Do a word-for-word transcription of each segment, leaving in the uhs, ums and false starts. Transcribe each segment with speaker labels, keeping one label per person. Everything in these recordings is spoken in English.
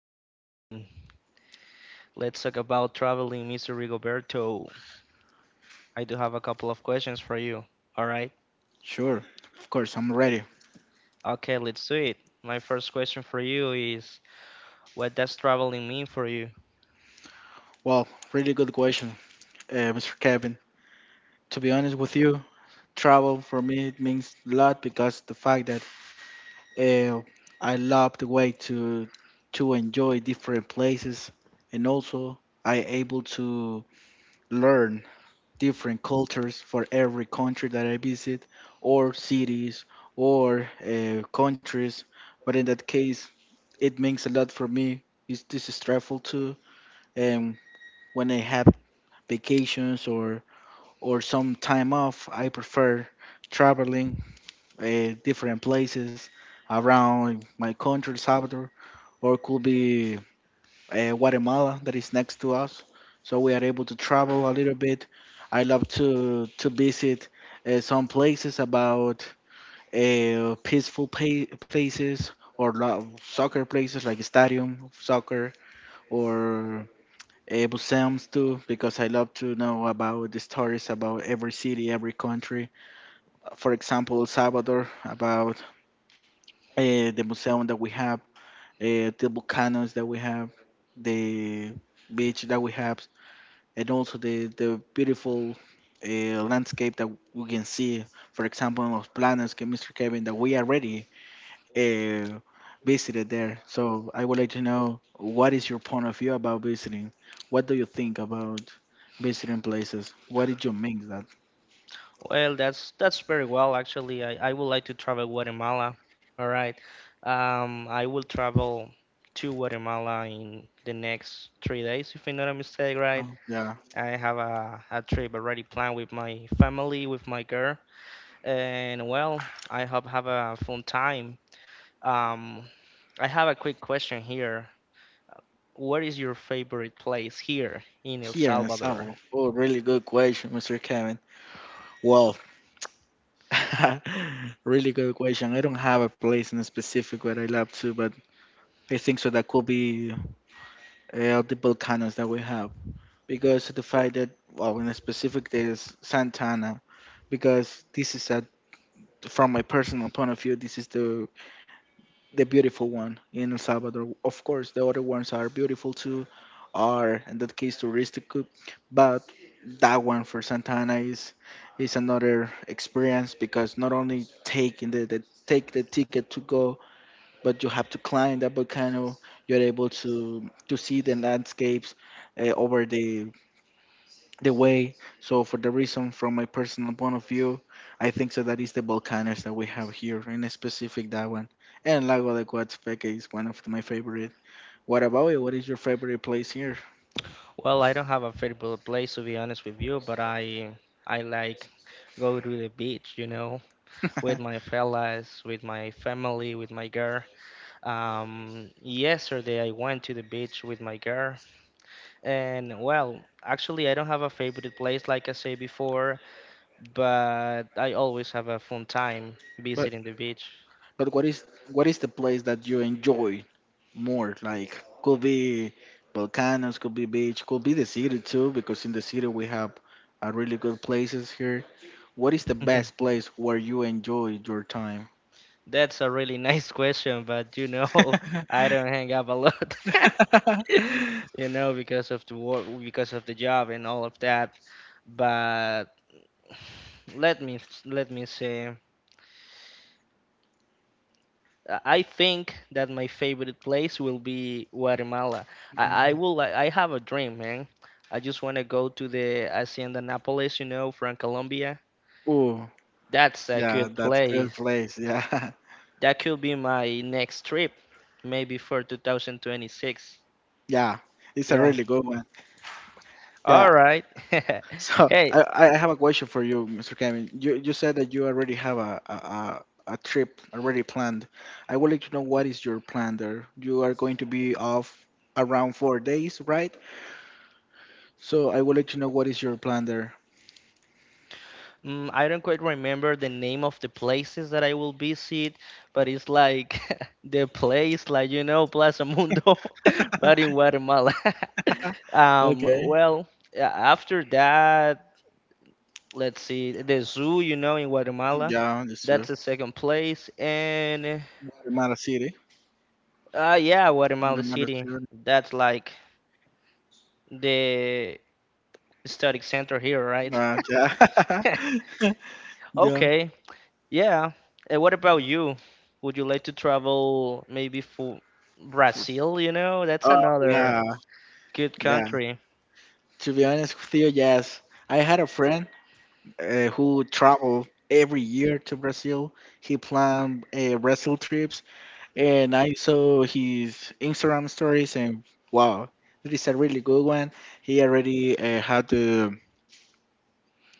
Speaker 1: name is Kevin. Let's talk about traveling, Mister Rigoberto. I do have a couple of questions for you. All right?
Speaker 2: Sure, of course, I'm ready.
Speaker 1: Okay, let's do it. My first question for you is, what does traveling mean for you?
Speaker 2: Well, really good question, uh, Mister Kevin. To be honest with you, travel for me it means a lot because the fact that uh, I love the way to to enjoy different places, and also I able to learn different cultures for every country that I visit, or cities, or uh, countries. But in that case, it means a lot for me. It's, this is stressful too. When I have vacations or or some time off, I prefer traveling uh, different places around my country, El Salvador, or it could be uh, Guatemala that is next to us. So we are able to travel a little bit. I love to to visit uh, some places about uh, peaceful pa- places or lo- soccer places like stadium soccer or uh, museums too, because I love to know about the stories about every city, every country. For example, El Salvador, about uh, the museum that we have, uh, the volcanoes that we have, the beach that we have, and also the, the beautiful uh, landscape that we can see. For example, in Los Planos, que Mister Kevin, that we already uh, visited there. So I would like to know, what is your point of view about visiting? What do you think about visiting places? What did you make that?
Speaker 1: Well, that's that's very well, actually. I, I would like to travel Guatemala. All right. Um, I will travel to Guatemala in the next three days, if I'm not a mistake, right?
Speaker 2: Oh, yeah,
Speaker 1: I have a, a trip already planned with my family, with my girl. And well, I hope have a fun time. Um, I have a quick question here. What is your favorite place here in El
Speaker 2: here in
Speaker 1: Salvador?
Speaker 2: Savo. Oh, really good question, Mister Kevin. Well, really good question. I don't have a place in specific where I love to, but I think so that could be uh, the volcanoes that we have, because of the fact that, well, in a specific there is Santana, because this is, a from my personal point of view, this is the the beautiful one in El Salvador. Of course, the other ones are beautiful too, are in that case touristic, but that one for Santa Ana is is another experience, because not only taking the, the take the ticket to go, but you have to climb that volcano. You're able to to see the landscapes uh, over the the way. So for the reason, from my personal point of view, I think so that is the volcanoes that we have here, in a specific that one. And Lago de Coatzacoalcos is one of my favorite. What about you? What is your favorite place here?
Speaker 1: Well, I don't have a favorite place, to be honest with you, but I I like go to the beach, you know, with my fellas, with my family, with my girl. Um, yesterday I went to the beach with my girl, and well, actually I don't have a favorite place like I say before, but I always have a fun time
Speaker 2: but
Speaker 1: visiting the beach.
Speaker 2: but what is what is the place that you enjoy more? Like, could be volcanoes, could be beach, could be the city too, because in the city we have uh, really good places here. What is the best place where you enjoy your time?
Speaker 1: That's a really nice question, but you know, I don't hang up a lot. you know, because of the work, because of the job and all of that. But let me let me say, I I think that my favorite place will be Guatemala. I, I
Speaker 2: Um,
Speaker 1: will like I have a dream, man. I just want to go to the Hacienda Nápoles, you know, from Colombia.
Speaker 2: ooh,
Speaker 1: That's a
Speaker 2: yeah,
Speaker 1: good
Speaker 2: that's a
Speaker 1: place.
Speaker 2: good place. Yeah,
Speaker 1: That could be my next trip, maybe for two thousand twenty-six.
Speaker 2: yeah, it's a
Speaker 1: Yeah.
Speaker 2: really good one. Yeah.
Speaker 1: All right.
Speaker 2: So
Speaker 1: Hey,
Speaker 2: I, I I have a question for you, Mister Kevin. You you said that you already have a, a a a trip already planned. I would like to know what is your plan there. You are going to be off around four days, right? So I would like to know what is your plan there.
Speaker 1: Mm, I don't quite remember the name of the places that I will visit, but it's like the place, like you know, Plaza Mundo, but in Guatemala. um,
Speaker 2: Okay.
Speaker 1: well, a- after that, let's see, the zoo, you know, in Guatemala.
Speaker 2: Yeah, this
Speaker 1: That's the
Speaker 2: is
Speaker 1: second place, and
Speaker 2: Guatemala City.
Speaker 1: uh, yeah, Guatemala
Speaker 2: Guatemala
Speaker 1: City.
Speaker 2: City.
Speaker 1: That's like the study center here, right?
Speaker 2: Uh, yeah. yeah.
Speaker 1: Okay, yeah. And what about you? Would you like to travel maybe for Brazil? You know, that's
Speaker 2: Oh
Speaker 1: another
Speaker 2: yeah,
Speaker 1: good
Speaker 2: yeah.
Speaker 1: country.
Speaker 2: To be honest with you, yes. I had a friend uh, who traveled every year to Brazil. He planned uh, Brazil trips, and I saw his Instagram stories, and wow, that is a really good one. He already uh, had uh,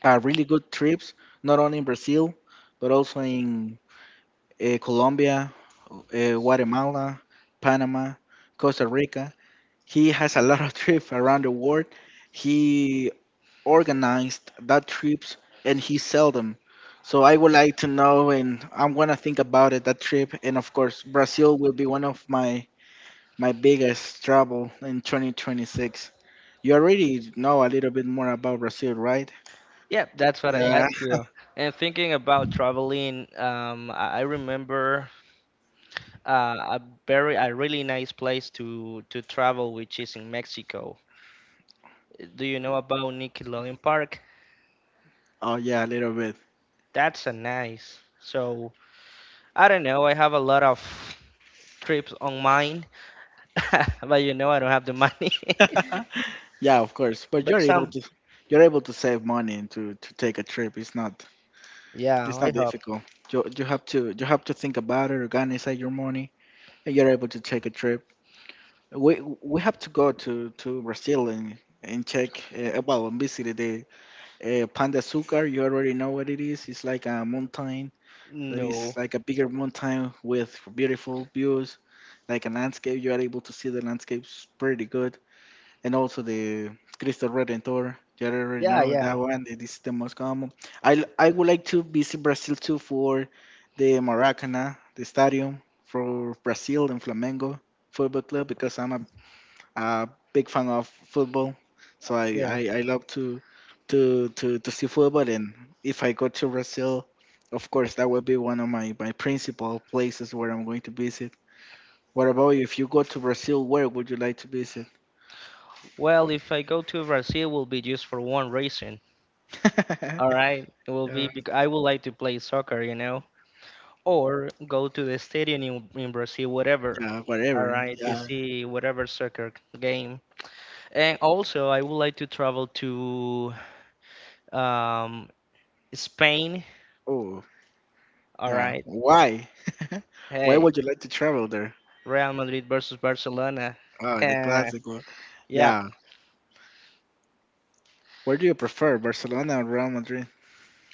Speaker 2: uh, really good trips, not only in Brazil, but also in uh, Colombia, uh, Guatemala, Panama, Costa Rica. He has a lot of trips around the world. He organized that trips and he seldom. So I would like to know, and I'm gonna think about it, that trip, and of course Brazil will be one of my my biggest travel in twenty twenty-six. You already know a little bit more about Brazil, right?
Speaker 1: Yeah, that's what I
Speaker 2: Yeah.
Speaker 1: ask you. And thinking about traveling, um, I I remember uh, a very, a really nice place to to travel, which is in Mexico. Do you know about Nickelodeon Park?
Speaker 2: Oh yeah, a little bit.
Speaker 1: That's a nice. So I don't know. I have a lot of trips on mine, but you know I don't have the money.
Speaker 2: Yeah, of course. But
Speaker 1: but
Speaker 2: you're able
Speaker 1: some,
Speaker 2: to you're able to save money and to to take a trip. It's not
Speaker 1: yeah,
Speaker 2: it's
Speaker 1: I
Speaker 2: not
Speaker 1: hope.
Speaker 2: difficult. You you have to you have to think about it, organize your money, and you're able to take a trip. We we have to go to to Brazil, and and check, uh, well, and visit the uh, Panda Sucar. You already know what it is. It's like a mountain that is
Speaker 1: No.
Speaker 2: like a bigger mountain with beautiful views, like a landscape. You are able to see the landscapes pretty good, and also the Cristo Redentor. You already
Speaker 1: Yeah,
Speaker 2: know
Speaker 1: yeah,
Speaker 2: that one. It is the most common. I I would like to visit Brazil too for the Maracanã, the stadium for Brazil and Flamengo football club, because I'm a a big fan of football, so I,
Speaker 1: yeah.
Speaker 2: I, I love to to to to see football. And if I go to Brazil, of course that would be one of my my principal places where I'm going to visit. What about you? If you go to Brazil, where would you like to visit?
Speaker 1: Well, if I go to Brazil, will be just for one reason. All right, it will be
Speaker 2: Yeah,
Speaker 1: because I would like to play soccer, you know, or go to the stadium in, in Brazil, whatever.
Speaker 2: yeah,
Speaker 1: All
Speaker 2: whatever.
Speaker 1: right, to
Speaker 2: Yeah.
Speaker 1: see whatever soccer game, and also I would like to travel to um Spain.
Speaker 2: Oh,
Speaker 1: All
Speaker 2: yeah.
Speaker 1: right,
Speaker 2: Why? Why
Speaker 1: hey,
Speaker 2: would you like to travel there?
Speaker 1: Real Madrid versus Barcelona.
Speaker 2: Oh, the
Speaker 1: Eh,
Speaker 2: classic one.
Speaker 1: Yeah,
Speaker 2: Yeah. Where do you prefer, Barcelona or Real Madrid?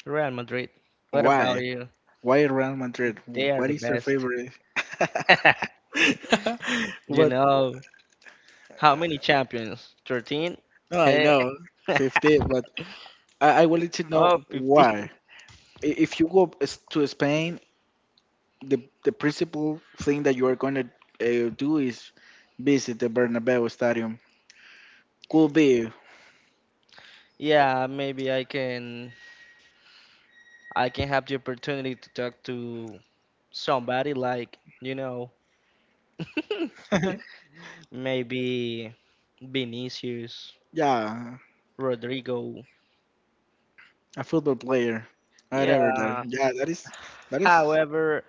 Speaker 1: Real Madrid. What about
Speaker 2: Why?
Speaker 1: you?
Speaker 2: Why Real Madrid?
Speaker 1: They are
Speaker 2: What
Speaker 1: the
Speaker 2: is their
Speaker 1: best.
Speaker 2: favorite?
Speaker 1: You
Speaker 2: But
Speaker 1: know, how many champions? thirteen?
Speaker 2: no, I
Speaker 1: Hey.
Speaker 2: know fifty, but I, I wanted to know
Speaker 1: Oh, fifteen.
Speaker 2: why. I- If you go s- to Spain, the the principal thing that you are going to uh, do is visit the Bernabeu Stadium. Could be,
Speaker 1: Yeah, maybe I can I can have the opportunity to talk to somebody like, you know, maybe Vinicius,
Speaker 2: yeah,
Speaker 1: Rodrigo.
Speaker 2: a football player, whatever. That,
Speaker 1: Yeah.
Speaker 2: yeah, that is that is.
Speaker 1: However,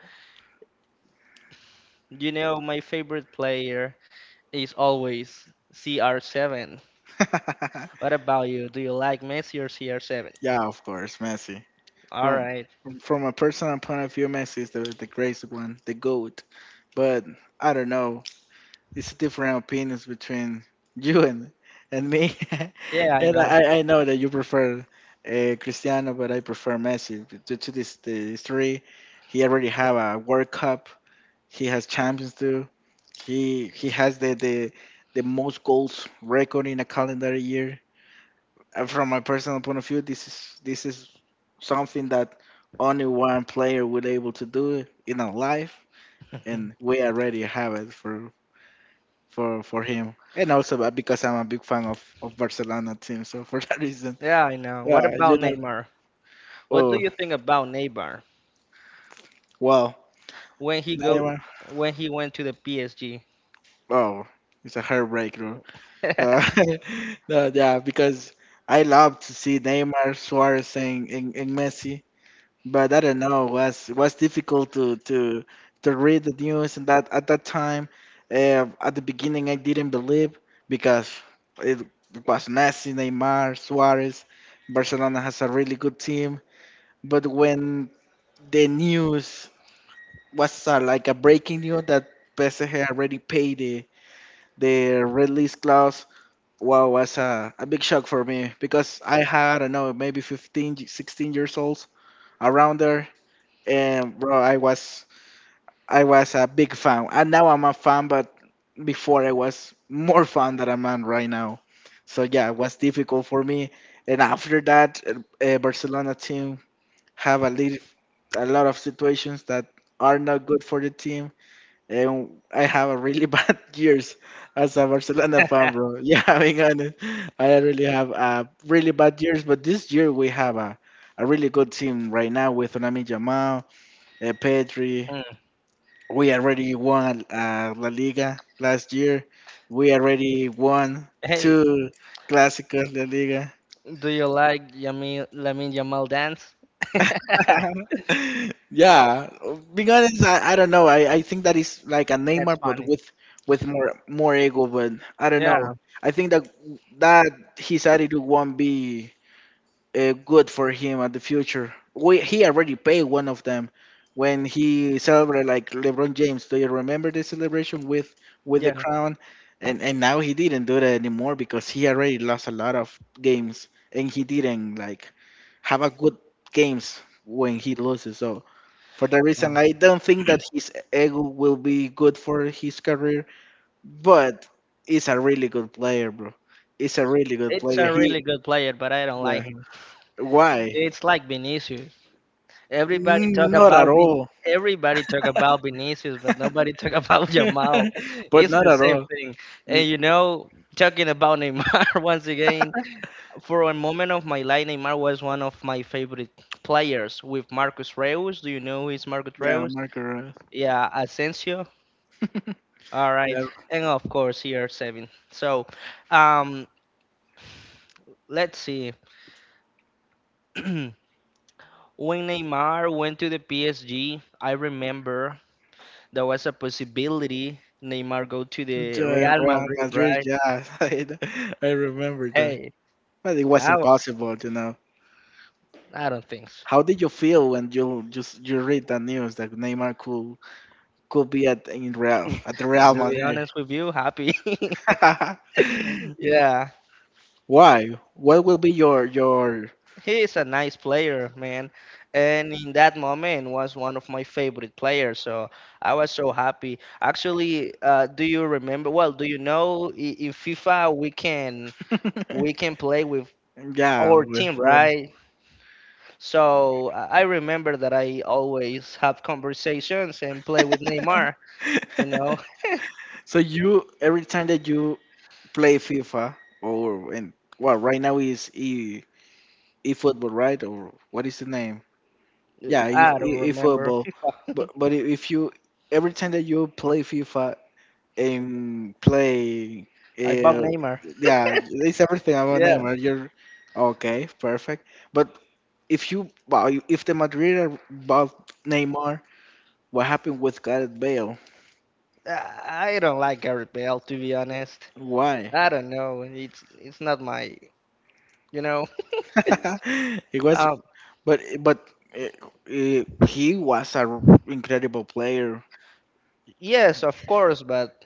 Speaker 1: you know, my favorite player is always C R seven. What about you? Do you like Messi or C R seven?
Speaker 2: Yeah, of course, Messi.
Speaker 1: All
Speaker 2: From
Speaker 1: right.
Speaker 2: from a personal point of view, Messi is the the greatest one, the goat. But I don't know. It's different opinions between you and and me.
Speaker 1: Yeah, I
Speaker 2: And
Speaker 1: know.
Speaker 2: I, I know that you prefer uh, Cristiano, but I prefer Messi, but due to this the history. He already have a World Cup. He has Champions too. He he has the the the most goals record in a calendar year. Uh, from my personal point of view, this is this is something that only one player will able to do in a life, and we already have it for for for him. And also, uh, because I'm a big fan of of Barcelona team, so for that reason,
Speaker 1: Yeah, I know. What
Speaker 2: yeah, you
Speaker 1: about
Speaker 2: know.
Speaker 1: Neymar? What do
Speaker 2: Oh
Speaker 1: you think about Neymar
Speaker 2: wow,
Speaker 1: when he go
Speaker 2: Neymar.
Speaker 1: when he went to the P S G?
Speaker 2: Oh, it's a heartbreak, bro. No, no, yeah, because I love to see Neymar, Suarez, and, and, and Messi, but I don't know. Was was difficult to to to read the news, and that at that time, uh, at the beginning, I didn't believe, because it was Messi, Neymar, Suarez. Barcelona has a really good team, but when the news was uh, like a breaking news that P S G already paid the the release clause. Wow, was a, a big shock for me, because I had I don't know maybe fifteen, sixteen years old around there, and bro, I was I was a big fan, and now I'm a fan, but before I was more fan than I'm on right now. So yeah, it was difficult for me, and after that, uh, Barcelona team have a little, a lot of situations that are not good for the team, and I have a really bad years as a Barcelona fan, bro. Yeah, being honest, I really have uh, really bad years, but this year we have a, a really good team right now, with Onami Jamal, uh, Pedri.
Speaker 1: Mm.
Speaker 2: We already won uh, La Liga last year. We already won
Speaker 1: Hey,
Speaker 2: two Clásicos La Liga.
Speaker 1: do you like Yamil Lamine Yamal dance? That's
Speaker 2: Yeah, being honest, I, I don't know. I, I think that is like a Neymar, but
Speaker 1: funny.
Speaker 2: with with more more ego. But I don't know.
Speaker 1: Yeah,
Speaker 2: I think that that his attitude won't be uh, good for him at the future. We, he already paid one of them when he celebrated like LeBron James. Do you remember the celebration with with the
Speaker 1: yeah,
Speaker 2: crown? And and now he didn't do that anymore, because he already lost a lot of games and he didn't like have a good games when he loses. So for that
Speaker 1: yeah.
Speaker 2: reason, I don't think that his ego will be good for his career. But he's a really good player, bro. He's a really good
Speaker 1: It's
Speaker 2: player.
Speaker 1: a
Speaker 2: He
Speaker 1: really good player, but I don't
Speaker 2: Yeah.
Speaker 1: like him.
Speaker 2: Why?
Speaker 1: It's like Vinicius. Everybody
Speaker 2: Mm,
Speaker 1: talk
Speaker 2: not at
Speaker 1: about Ben.
Speaker 2: all,
Speaker 1: Everybody talk about Vinicius, but nobody talk about Jamal.
Speaker 2: but
Speaker 1: It's
Speaker 2: not
Speaker 1: the
Speaker 2: at
Speaker 1: same
Speaker 2: all.
Speaker 1: thing.
Speaker 2: Mm,
Speaker 1: And you know, talking about Neymar once again. For a moment of my life, Neymar was one of my favorite players with Marcus Reus. Do you know who is Marcus
Speaker 2: yeah,
Speaker 1: Reus?
Speaker 2: Marco Rose.
Speaker 1: Yeah, Asensio. All right,
Speaker 2: Yeah,
Speaker 1: and of course here seven. So, um, let's see. When Neymar went to the P S G, I remember there was a possibility Neymar go to the
Speaker 2: Joy
Speaker 1: Real
Speaker 2: Real
Speaker 1: Madrid,
Speaker 2: Madrid.
Speaker 1: right?
Speaker 2: Yeah, I, I remember that.
Speaker 1: Hey,
Speaker 2: But it was
Speaker 1: I, w-
Speaker 2: impossible, you know.
Speaker 1: I don't think so.
Speaker 2: How did you feel when you just you read that news that Neymar could could be at in Real at the Real
Speaker 1: To be
Speaker 2: Madrid?
Speaker 1: honest with you, happy. Yeah,
Speaker 2: Why? What will be your your?
Speaker 1: he is a nice player, man. And in that moment was one of my favorite players, so I was so happy. Actually, uh, do you remember? Well, do you know i- in FIFA we can we can play with
Speaker 2: Yeah.
Speaker 1: our team,
Speaker 2: Well,
Speaker 1: right? So uh, I remember that I always have conversations and play with Neymar. You know,
Speaker 2: so you, every time that you play FIFA, or and well, right now is e eFootball, right? Or what is the name? Yeah, e
Speaker 1: I don't
Speaker 2: e-
Speaker 1: remember
Speaker 2: eFootball.
Speaker 1: FIFA.
Speaker 2: But but if you, every time that you play FIFA and play,
Speaker 1: I bought
Speaker 2: uh,
Speaker 1: Neymar.
Speaker 2: yeah, it's everything about
Speaker 1: Yeah,
Speaker 2: Neymar. You're okay, perfect. But if you well, if the Madrid are bought Neymar, what happened with Gareth Bale?
Speaker 1: I I don't like Gary Bell, to be honest.
Speaker 2: Why?
Speaker 1: I don't know. It's it's not my, you know.
Speaker 2: It was,
Speaker 1: Um,
Speaker 2: but but uh, uh, he was a incredible player.
Speaker 1: yes, of course, but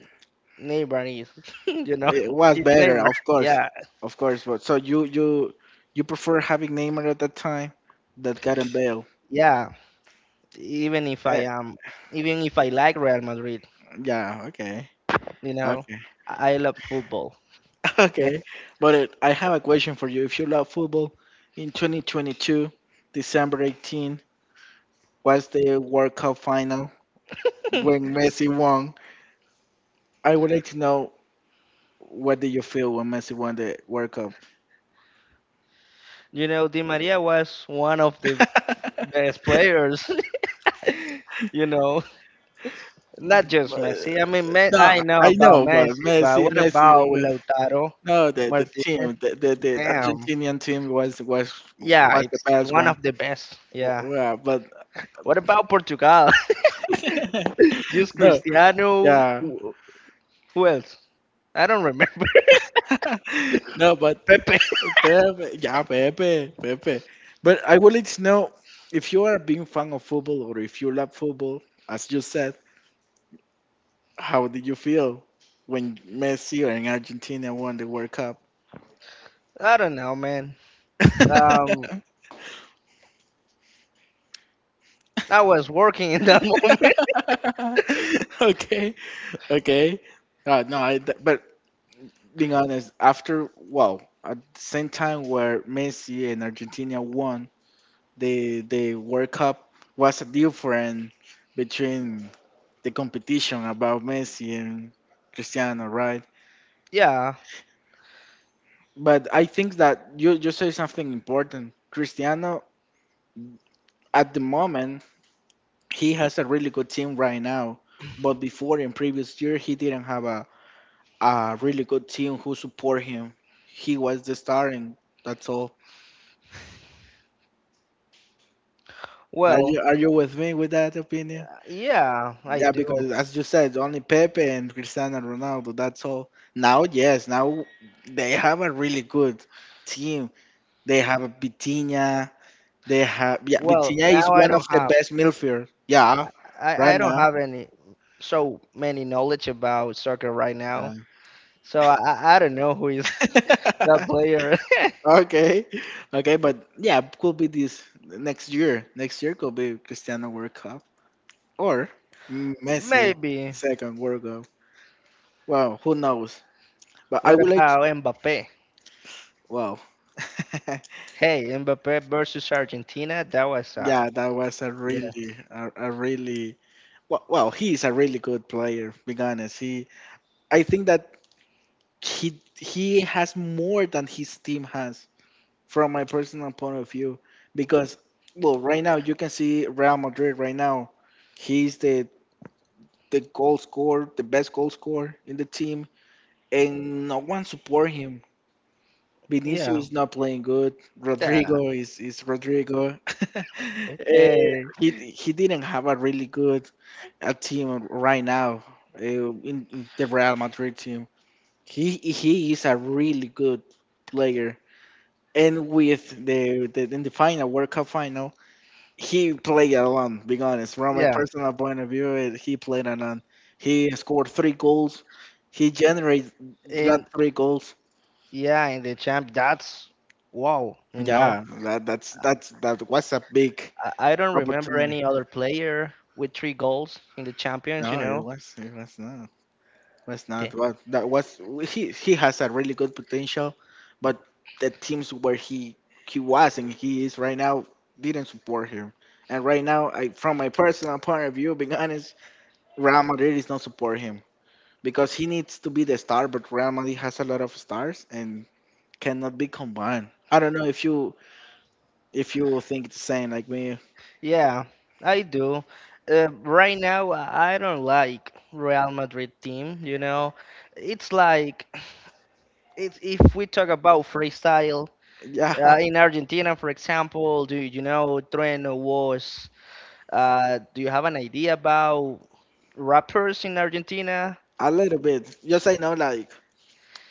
Speaker 1: Neymar is you know
Speaker 2: It was
Speaker 1: it's
Speaker 2: better,
Speaker 1: Neymar.
Speaker 2: of course,
Speaker 1: Yeah,
Speaker 2: of course. But so you you you prefer having Neymar at that time that Gareth Bale?
Speaker 1: yeah. Even if I
Speaker 2: Uh,
Speaker 1: am, even if I like Real Madrid,
Speaker 2: yeah. Okay.
Speaker 1: you know,
Speaker 2: Okay.
Speaker 1: I I love football.
Speaker 2: Okay. But uh, I have a question for you. If you love football, in twenty twenty-two, December eighteenth was the World Cup final when Messi won. I would like to know what did you feel when Messi won the World Cup?
Speaker 1: You know, Di Maria was one of the best players. you know, not just Messi. I mean,
Speaker 2: But-
Speaker 1: Me-
Speaker 2: No,
Speaker 1: I know
Speaker 2: I
Speaker 1: about
Speaker 2: know, but
Speaker 1: Messi, but
Speaker 2: Messi,
Speaker 1: what
Speaker 2: Messi.
Speaker 1: about Lautaro
Speaker 2: No, the the
Speaker 1: Martinez?
Speaker 2: team, the the, the
Speaker 1: Damn.
Speaker 2: Argentinian team was was
Speaker 1: Yeah,
Speaker 2: was the
Speaker 1: it's
Speaker 2: best
Speaker 1: one
Speaker 2: one.
Speaker 1: of the best. Yeah.
Speaker 2: Yeah, but
Speaker 1: What about Portugal? just
Speaker 2: no,
Speaker 1: Cristiano.
Speaker 2: yeah,
Speaker 1: Who who else? I don't remember.
Speaker 2: no, but
Speaker 1: Pepe.
Speaker 2: Pepe, yeah, Pepe, Pepe. But I would like to know if you are a big fan of football or if you love football, as you said. How did you feel when Messi and Argentina won the World Cup?
Speaker 1: I don't know, man. Um, I was working in that moment.
Speaker 2: Okay, okay. Uh, no, I, th- but being honest, after well, at the same time where Messi and Argentina won the the World Cup was a difference between the competition about Messi and Cristiano, right?
Speaker 1: Yeah.
Speaker 2: But I think that you you say something important. Cristiano at the moment he has a really good team right now, but before in previous year he didn't have a. a really good team who support him. He was the star, and that's all. Are
Speaker 1: Well,
Speaker 2: you are you with me with that opinion?
Speaker 1: yeah, I
Speaker 2: Yeah,
Speaker 1: do.
Speaker 2: because as you said, only Pepe and Cristiano Ronaldo. That's all. Now, yes, now they have a really good team. They have a Vitinha. They have, yeah,
Speaker 1: Well,
Speaker 2: Vitinha is
Speaker 1: now I
Speaker 2: one of
Speaker 1: don't
Speaker 2: the
Speaker 1: have
Speaker 2: best midfielders. Yeah,
Speaker 1: I,
Speaker 2: right
Speaker 1: I don't
Speaker 2: now.
Speaker 1: have any so many knowledge about soccer right now.
Speaker 2: Yeah.
Speaker 1: So I, I I don't know who is the player.
Speaker 2: Okay, okay, but yeah, could be this next year. Next year could be Cristiano World Cup, or Messi
Speaker 1: Maybe.
Speaker 2: second World Cup. Wow, who knows? But I
Speaker 1: What
Speaker 2: would like.
Speaker 1: about Mbappe?
Speaker 2: Wow.
Speaker 1: Hey, Mbappe versus Argentina. That was uh
Speaker 2: Yeah, that was a
Speaker 1: yeah,
Speaker 2: really, a, a really. Well, well, he's a really good player. Being honest, he. I think that he he has more than his team has from my personal point of view, because well, right now you can see Real Madrid right now. He's the the goal scorer, the best goal scorer in the team, and no one support him. Benicio
Speaker 1: yeah,
Speaker 2: is not playing good.
Speaker 1: that
Speaker 2: Rodrigo is is Rodrigo. Eh,
Speaker 1: eh,
Speaker 2: he he didn't have a really good uh, team right now, uh, in, in the Real Madrid team. He he is a really good player, and with the, the in the final World Cup final, he played alone. Being honest, from my
Speaker 1: yeah,
Speaker 2: personal point of view, eh, he played alone. He scored three goals. He generated that
Speaker 1: in,
Speaker 2: three goals.
Speaker 1: yeah, in the champ. That's wow. You know
Speaker 2: Yeah, that that's
Speaker 1: I,
Speaker 2: that's that was a big
Speaker 1: I I don't remember
Speaker 2: opportunity.
Speaker 1: any other player with three goals in the champions. You
Speaker 2: No, it
Speaker 1: know,
Speaker 2: was, it was not was not what that was. He he has a really good potential, but the teams where he he was and he is right now didn't support him. And right now, I from my personal point of view, being honest, Real Madrid is not support him, because he needs to be the star, but Real Madrid has a lot of stars and cannot be combined. I don't know if you if you think the same like me.
Speaker 1: yeah, I do. Uh, right now, I I don't like Real Madrid team. You know, it's like it's, if we talk about freestyle
Speaker 2: Yeah,
Speaker 1: uh, in Argentina, for example. Do you know Trueno was? Uh, do you have an idea about rappers in Argentina?
Speaker 2: a little bit. Just I know, like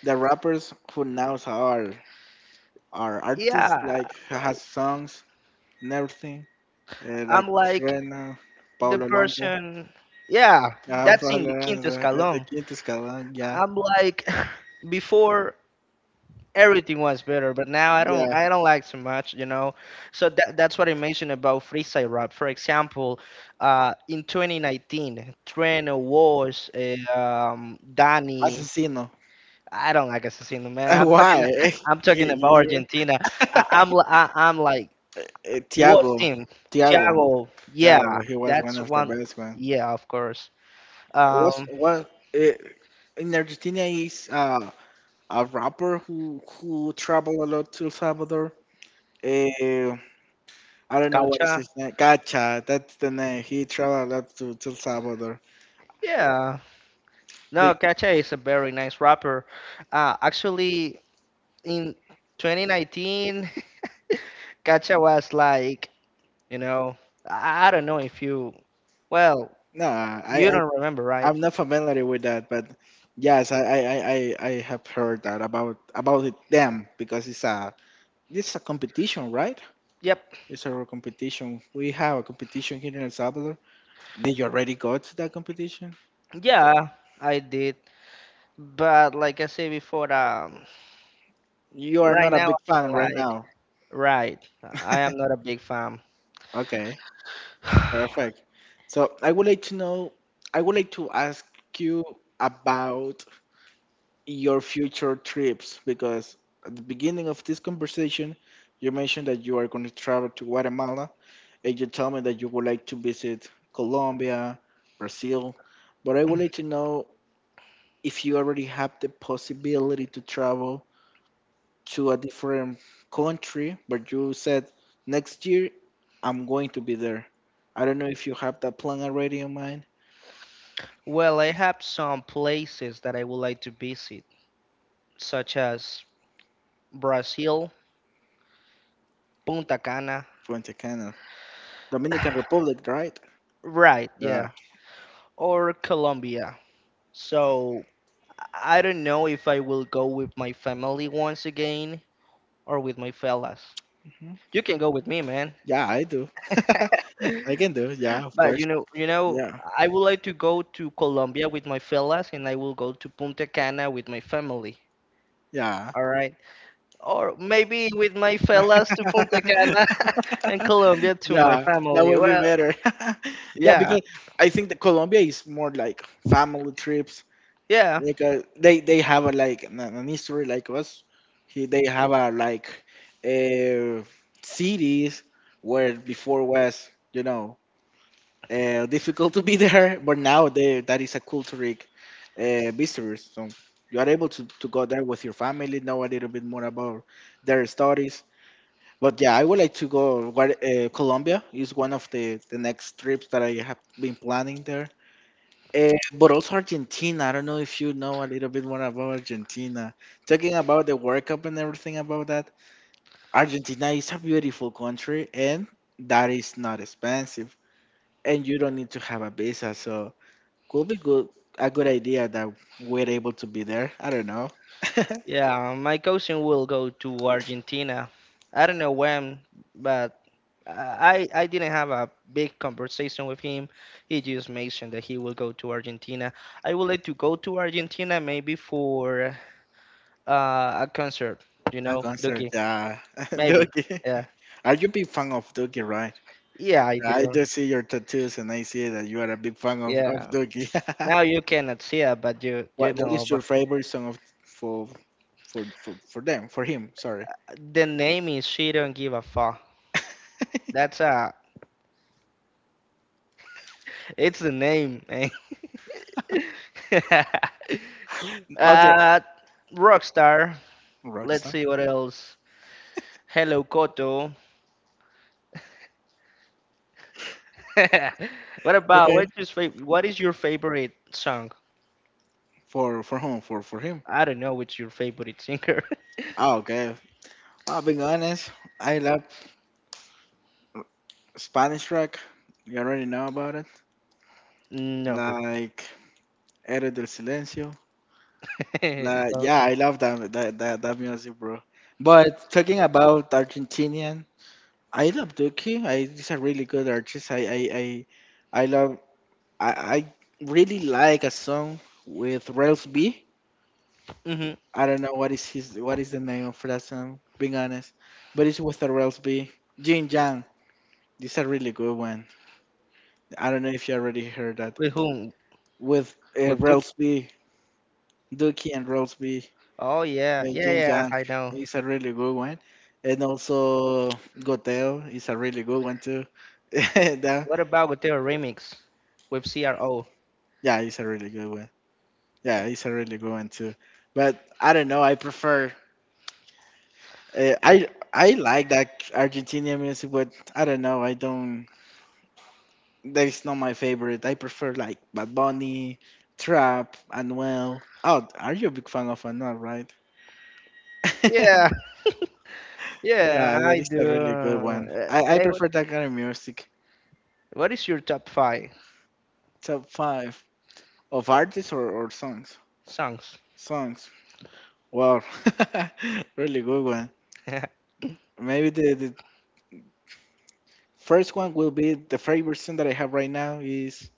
Speaker 2: the rappers who now are are artists,
Speaker 1: Yeah,
Speaker 2: like
Speaker 1: like,
Speaker 2: has songs and everything. Uh,
Speaker 1: I'm
Speaker 2: like
Speaker 1: like
Speaker 2: Rena,
Speaker 1: the
Speaker 2: Paulo Londra.
Speaker 1: person. Yeah,
Speaker 2: Yeah,
Speaker 1: that's
Speaker 2: Paulo
Speaker 1: in the quinto
Speaker 2: Londra. And the
Speaker 1: escalon.
Speaker 2: Quinto Escalón, yeah.
Speaker 1: I'm like before everything was better, but now i don't
Speaker 2: Yeah.
Speaker 1: i don't like so much, you know, so that, that's what I mentioned about freestyle rap, for example, uh in twenty nineteen, trent was uh, um danny,
Speaker 2: Asesino.
Speaker 1: I don't like assassino, man. i'm talking
Speaker 2: Why?
Speaker 1: i'm talking about argentina. I, I'm li- I, I'm like,
Speaker 2: Eh,
Speaker 1: what
Speaker 2: Tiago.
Speaker 1: team,
Speaker 2: Tiago.
Speaker 1: thiago, yeah,
Speaker 2: Tiago, he was one
Speaker 1: that's
Speaker 2: of the
Speaker 1: one,
Speaker 2: best man.
Speaker 1: yeah, of course,
Speaker 2: It was
Speaker 1: um
Speaker 2: what, eh, in Argentina is uh a rapper who who travel a lot to El Salvador. Eh, I don't know what
Speaker 1: Kacha,
Speaker 2: is his name. Gacha, that's the name. He traveled a lot to, to El Salvador.
Speaker 1: yeah,
Speaker 2: The,
Speaker 1: no, Kacha is a very nice rapper. Uh, actually, in twenty nineteen, Kacha was like, you know, I, I don't know if you, well,
Speaker 2: no, I,
Speaker 1: you
Speaker 2: I
Speaker 1: don't remember, right?
Speaker 2: I'm not familiar with that, but yes, I, I, I, I I have heard that about about it, them, because it's a this is a competition, right?
Speaker 1: Yep.
Speaker 2: It's a competition. We have a competition here in El Salvador. Did you already go to that competition?
Speaker 1: Yeah, I did. But like I said before, um,
Speaker 2: You are
Speaker 1: right
Speaker 2: not a
Speaker 1: now,
Speaker 2: big fan
Speaker 1: I'm
Speaker 2: right
Speaker 1: like,
Speaker 2: now.
Speaker 1: right, I am not a big fan.
Speaker 2: Okay. Perfect. So I would like to know, I would like to ask you about your future trips, because at the beginning of this conversation, you mentioned that you are going to travel to Guatemala, and you tell me that you would like to visit Colombia, Brazil. But I would like to know if you already have the possibility to travel to a different country, but you said next year I'm going to be there. I don't know if you have that plan already in mind.
Speaker 1: Well, I have some places that I would like to visit, such as Brazil, Punta Cana,
Speaker 2: Punta Dominican Republic, right?
Speaker 1: right, yeah,
Speaker 2: Yeah.
Speaker 1: or Colombia. So I don't know if I will go with my family once again or with my fellas.
Speaker 2: Mhm.
Speaker 1: You can go with me, man.
Speaker 2: Yeah, I do. I can do. Yeah, of
Speaker 1: But you
Speaker 2: course.
Speaker 1: know, you know,
Speaker 2: Yeah.
Speaker 1: I would like to go to Colombia with my fellas, and I will go to Punta Cana with my family.
Speaker 2: Yeah.
Speaker 1: All right, or maybe with my fellas to Punta Cana, and Colombia to my
Speaker 2: Yeah, that
Speaker 1: family.
Speaker 2: would be
Speaker 1: Well,
Speaker 2: better. Yeah,
Speaker 1: yeah,
Speaker 2: because I think that Colombia is more like family trips.
Speaker 1: yeah.
Speaker 2: Like uh, they they have a like an, an history like us. He, they have a like uh, cities where before was you know uh, difficult to be there, but now they, that is a cultural uh, visitors. So you are able to, to go there with your family, know a little bit more about their stories. But yeah, I would like to go. what, Uh, Colombia is one of the, the next trips that I have been planning there. Uh, but also Argentina. I don't know if you know a little bit more about Argentina. Talking about the World Cup and everything about that, Argentina is a beautiful country and that is not expensive. And you don't need to have a visa. So could be good, a good idea that we're able to be there. I don't know.
Speaker 1: Yeah, my cousin will go to Argentina. I don't know when, but uh, I I didn't have a big conversation with him. He just mentioned that he will go to Argentina. I would like to go to Argentina maybe for uh, a concert, you
Speaker 2: A
Speaker 1: know,
Speaker 2: concert,
Speaker 1: Duki.
Speaker 2: yeah.
Speaker 1: Maybe.
Speaker 2: Doogie.
Speaker 1: Yeah.
Speaker 2: Are you a big fan of Doogie, right?
Speaker 1: Yeah, I
Speaker 2: Yeah, I
Speaker 1: do.
Speaker 2: do see your tattoos and I see that you are a big fan of, of
Speaker 1: Yeah.
Speaker 2: Doogie.
Speaker 1: Now you cannot see it, but you you
Speaker 2: what what
Speaker 1: know,
Speaker 2: is
Speaker 1: but
Speaker 2: your favorite song of for for for, for them for him, sorry.
Speaker 1: the name is She Don't Give a Fuck. That's uh it's the name, man.
Speaker 2: Okay.
Speaker 1: Uh, Rockstar. Let's
Speaker 2: Roxanne.
Speaker 1: see what else. Hello Koto. what about what
Speaker 2: Okay.
Speaker 1: is your fav- what is your favorite song?
Speaker 2: For for whom? For for him.
Speaker 1: I don't know which your favorite singer.
Speaker 2: Ah okay. I'll be honest, I love Spanish rock. You already know about it,
Speaker 1: no.
Speaker 2: like Era del Silencio. La,
Speaker 1: no.
Speaker 2: yeah, I love that, that that that music, bro. But talking about Argentinian, I love Duki. I he's a really good artist. I I I, I love. I, I really like a song with Rels B.
Speaker 1: hmm
Speaker 2: I don't know what is his what is the name of that song. Being honest, but it's with a Rels B. Jin Jang. This is a really good one. I don't know if you already heard that
Speaker 1: With whom?
Speaker 2: with uh,
Speaker 1: With Duke?
Speaker 2: Rels B. Duki and Rels B.
Speaker 1: Oh yeah,
Speaker 2: Uh,
Speaker 1: yeah,
Speaker 2: Jin
Speaker 1: yeah.
Speaker 2: Yang
Speaker 1: I know.
Speaker 2: is a really good one, and also Goteo is a really good one too. That-
Speaker 1: What about with their remix with C R O?
Speaker 2: yeah, it's a really good one. Yeah, it's a really good one too. But I don't know. I prefer. Uh, I I like that Argentinian music, but I don't know. I don't. That's not my favorite. I prefer like Bad Bunny, Trap, and well. Oh, are you a big fan of Anuel, right?
Speaker 1: yeah, yeah,
Speaker 2: Yeah, that
Speaker 1: I
Speaker 2: is a
Speaker 1: do.
Speaker 2: really good one.
Speaker 1: Uh,
Speaker 2: I, I
Speaker 1: hey, what,
Speaker 2: prefer that kind of music.
Speaker 1: what is your top five
Speaker 2: Top five. Of artists, or, or songs?
Speaker 1: songs?
Speaker 2: Songs. Wow. Really good one. Maybe the, the first one will be the favorite song that I have right now is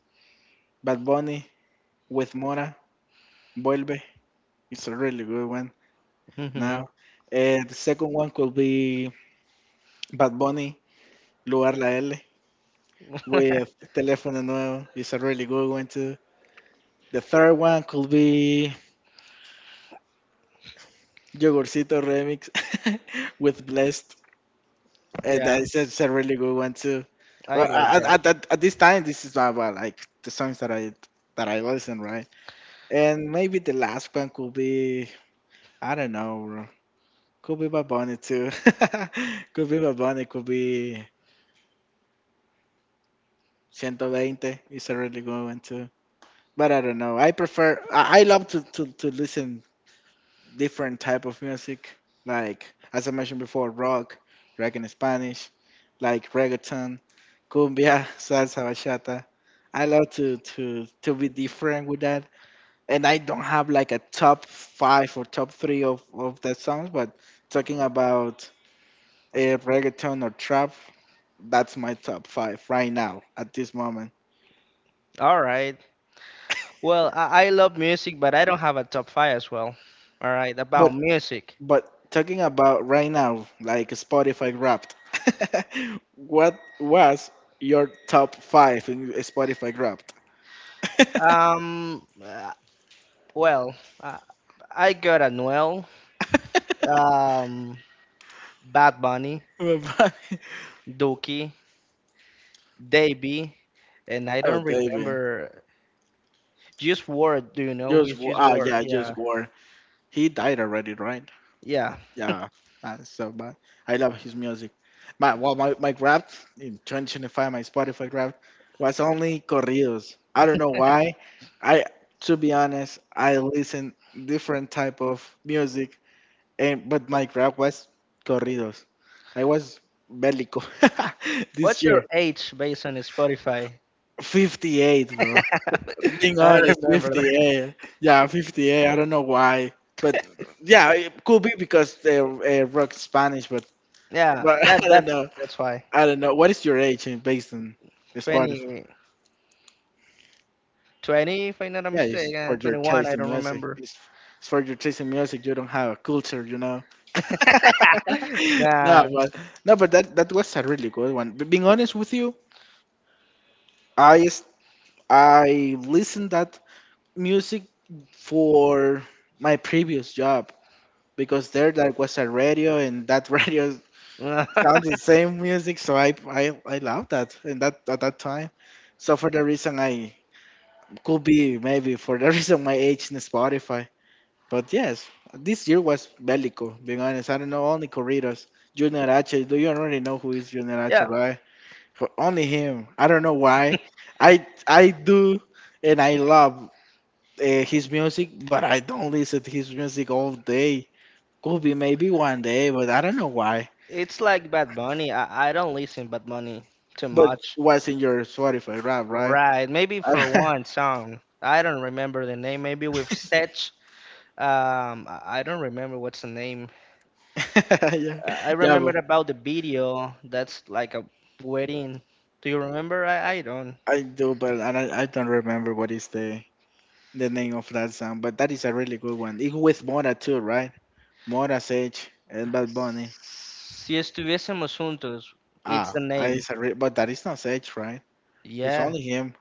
Speaker 2: Bad Bunny with Mora, Vuelve. It's a really good one now.
Speaker 1: hmm
Speaker 2: Uh, the second one could be Bad Bunny, Lugar La L with Teléfono Nuevo. It's a really good one too. The third one could be Yogurcito Remix with Blessed. Uh, that
Speaker 1: yeah,
Speaker 2: is that's a really good one too.
Speaker 1: I
Speaker 2: Well,
Speaker 1: like
Speaker 2: at,
Speaker 1: that.
Speaker 2: at, at, at this time, this is about about, like the songs that I that I listen, right? And maybe the last one could be, I don't know, bro. Could be Bad Bunny too. Could be Bad Bunny. Could be one two zero. It's a really good one too. But I don't know. I prefer. I, I love to, to to listen different type of music, like as I mentioned before, rock, rock in Spanish, like reggaeton, cumbia, salsa, bachata. I love to to to be different with that, and I don't have like a top five or top three of of the songs, but talking about uh, reggaeton or trap, that's my top five right now at this moment.
Speaker 1: All right. Well, I, I love music, but I don't have a top five as well. All right, about
Speaker 2: But
Speaker 1: music.
Speaker 2: But talking about right now, like Spotify Wrapped, what was your top five in Spotify Wrapped?
Speaker 1: Um, uh, well, uh, I got Anuel, um, Bad Bunny,
Speaker 2: My body.
Speaker 1: Dookie, Davey, and I
Speaker 2: Oh,
Speaker 1: don't
Speaker 2: David,
Speaker 1: remember. Juice Ward, do you know who is
Speaker 2: just wa-
Speaker 1: Juice
Speaker 2: ah
Speaker 1: Ward?
Speaker 2: yeah,
Speaker 1: Yeah,
Speaker 2: just war. He died already, right?
Speaker 1: yeah.
Speaker 2: Yeah, that's so bad. I love his music. My well, my my grab in twenty twenty-five, my Spotify grab was only corridos. I don't know why. I to be honest, I listen different type of music. And but my rap was corridos. I was bellico this
Speaker 1: What's
Speaker 2: year.
Speaker 1: your age based on Spotify?
Speaker 2: fifty-eight, bro. Being
Speaker 1: I
Speaker 2: honest,
Speaker 1: remember that.
Speaker 2: fifty-eight. Yeah, fifty-eight. I don't know why, but yeah, it could be because they uh, rock Spanish, but
Speaker 1: Yeah,
Speaker 2: but
Speaker 1: that
Speaker 2: I don't
Speaker 1: that's
Speaker 2: know.
Speaker 1: that's why
Speaker 2: I don't know. What is your age in- based on Spotify?
Speaker 1: Twenty, twenty. If I'm not
Speaker 2: Yeah, it's for
Speaker 1: mistaken,
Speaker 2: your
Speaker 1: twenty-one.
Speaker 2: taste
Speaker 1: I
Speaker 2: in
Speaker 1: don't
Speaker 2: music.
Speaker 1: remember.
Speaker 2: It's, it's for your taste in music. You don't have a culture, you know. no,
Speaker 1: Yeah.
Speaker 2: but no, but that that was a really good one. But being honest with you, I s- I listened that music for my previous job because there that was a radio and that radio sounds the same music, so I I, I love that and that at that time. So for the reason I could be maybe for the reason my age in Spotify. But yes, this year was Bellico, being honest. I don't know, only Corridos. Junior H, do you already know who is Junior H,
Speaker 1: yeah.
Speaker 2: right? For only him. I don't know why. I I do and I love uh, his music, but I don't listen to his music all day. Could be maybe one day, but I don't know why.
Speaker 1: It's like Bad Bunny. I, I don't listen Bad Bunny too
Speaker 2: But
Speaker 1: much.
Speaker 2: what's in your Spotify rap, right?
Speaker 1: Right. Maybe for one song. I don't remember the name. Maybe with Setch. Um, I I don't remember what's the name.
Speaker 2: yeah,
Speaker 1: Uh, I
Speaker 2: yeah,
Speaker 1: remember
Speaker 2: but
Speaker 1: about the video. That's like a wedding. Do you remember? I, I don't.
Speaker 2: I do, but I, don't- I don't remember what is the the name of that song. But that is a really good one. It with Mora too, right? Mora, Sage, and Bad Bunny.
Speaker 1: Si estuviésemos juntos. It's
Speaker 2: Ah,
Speaker 1: the
Speaker 2: I
Speaker 1: name.
Speaker 2: is a re- But that is not Sage, right? It's
Speaker 1: Yeah.
Speaker 2: only him.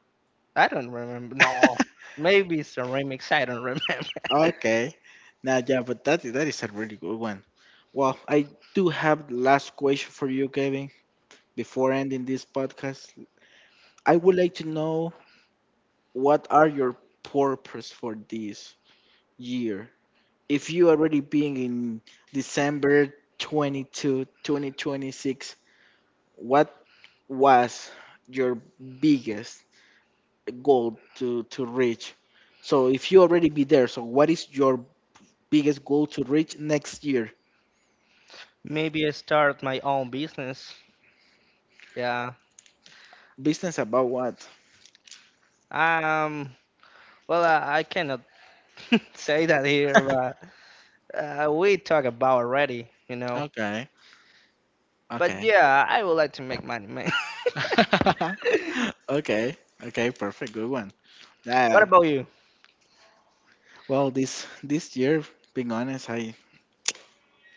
Speaker 1: I don't remember. No. Maybe it's a remix. I don't remember.
Speaker 2: Okay. Now, yeah, but that that is a really good one. Well, I do have the last question for you, Kevin, before ending this podcast. I would like to know what are your purpose for this year? If you already being in December twenty-second, twenty twenty-six, what was your biggest goal to to reach? So if you already be there, so what is your biggest goal to reach next year?
Speaker 1: Maybe I start my own business. Yeah.
Speaker 2: Business about what?
Speaker 1: Um. Well, I, I cannot say that here, but uh, we talk about already, you know.
Speaker 2: Okay.
Speaker 1: But
Speaker 2: Okay.
Speaker 1: yeah, I would like to make money, man.
Speaker 2: okay. Okay. Perfect. Good one.
Speaker 1: what
Speaker 2: Yeah.
Speaker 1: about you?
Speaker 2: Well, this this year, being honest, I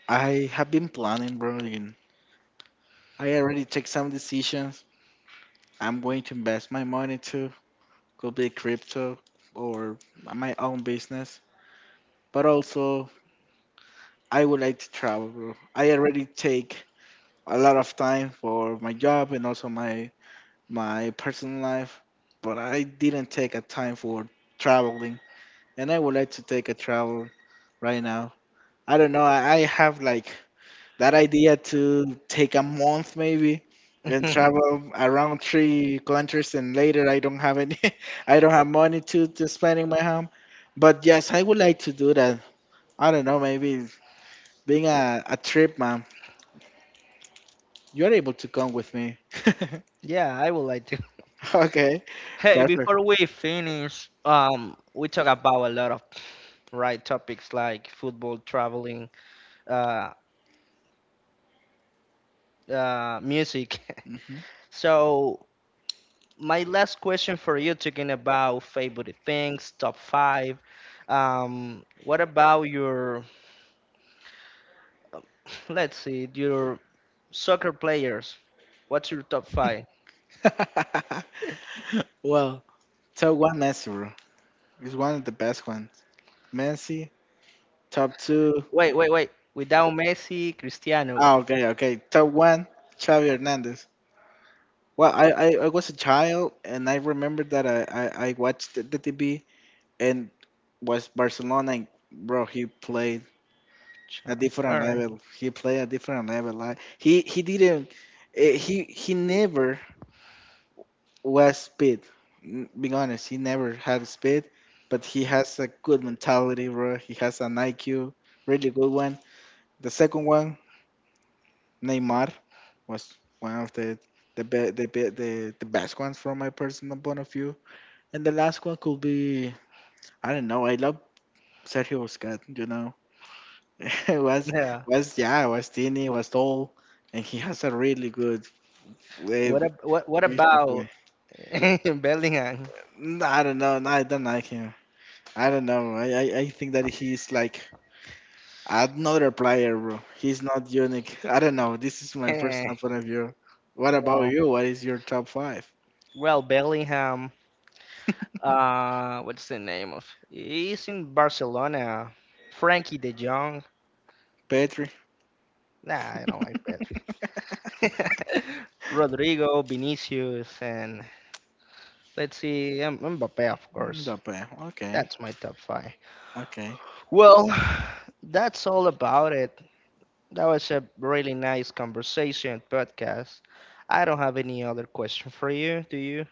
Speaker 2: I have been planning, bro. And I already take some decisions. I'm going to invest my money to could be crypto or my own business. But also, I would like to travel, bro. I already take a lot of time for my job and also my my personal life, but I didn't take a time for traveling, and I would like to take a travel right now. I don't know. I, I have like that idea to take a month maybe and travel around three countries, and later I don't have any, I don't have money to to spend in my home. But yes, I would like to do that. I don't know. Maybe being a, a trip man, you're able to come with me.
Speaker 1: yeah, I would like to.
Speaker 2: okay,
Speaker 1: Hey,
Speaker 2: perfect.
Speaker 1: before we finish, um, we talk about a lot of right topics like football, traveling, uh, uh, music.
Speaker 2: Mhm.
Speaker 1: so my last question for you, talking about favorite things, top five. Um, what about your, let's see, your soccer players? What's your top five?
Speaker 2: well, top one Messi, bro. He's one of the best ones. Messi. Top two.
Speaker 1: Wait, wait, wait. Without Messi, Cristiano.
Speaker 2: Ah, okay, okay. Top one, Xavi Hernandez. Well, I, I, I was a child and I remember that I, I, I watched the, the T V and was Barcelona and bro, he played
Speaker 1: Ch-
Speaker 2: a
Speaker 1: All
Speaker 2: different
Speaker 1: right.
Speaker 2: level. He played a different level. Like he he didn't. eh, He he never was speed. N- Being honest, he never had speed, but he has a good mentality, bro. He has an I Q, really good one. The second one, Neymar, was one of the the be, the, be, the the best ones from my personal point of view. And the last one could be I don't know. I love Sergio Busquets. You know, was
Speaker 1: Yeah.
Speaker 2: was yeah, was tiny, was tall, and he has a really good way.
Speaker 1: What ab- what what
Speaker 2: Vision for it.
Speaker 1: about Bellingham?
Speaker 2: N- I don't know. No, I don't like him. I don't know. I, I, I think that he's like another player, bro. He's not unique. I don't know. This is my
Speaker 1: Eh,
Speaker 2: personal point of view. What about
Speaker 1: Well,
Speaker 2: you? What is your top five?
Speaker 1: well, Bellingham. Uh, what's the name of? He's in Barcelona. Frankie De Jong.
Speaker 2: Petri.
Speaker 1: Nah, I don't like that. Rodrigo, Vinicius, and let's see, um, Mbappe, of
Speaker 2: Mm,
Speaker 1: course.
Speaker 2: the pe- Okay.
Speaker 1: That's my top five.
Speaker 2: Okay.
Speaker 1: Well, that's all about it. That was a really nice conversation podcast. I don't have any other question for you, do you?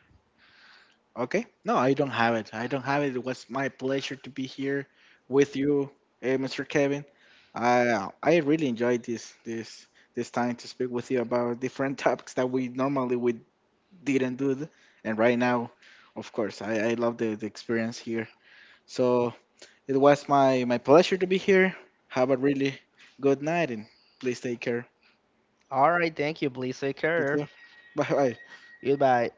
Speaker 2: Okay. No, I don't have it. I don't have it. It was my pleasure to be here with you, eh, mister Kevin. I I really enjoyed this this this time to speak with you about different topics that we normally we didn't do, th- and right now, of course, I, I love the, the experience here. So it was my my pleasure to be here. Have a really good night and please take care.
Speaker 1: All right, thank you. Please take care.
Speaker 2: Bye bye.
Speaker 1: Goodbye.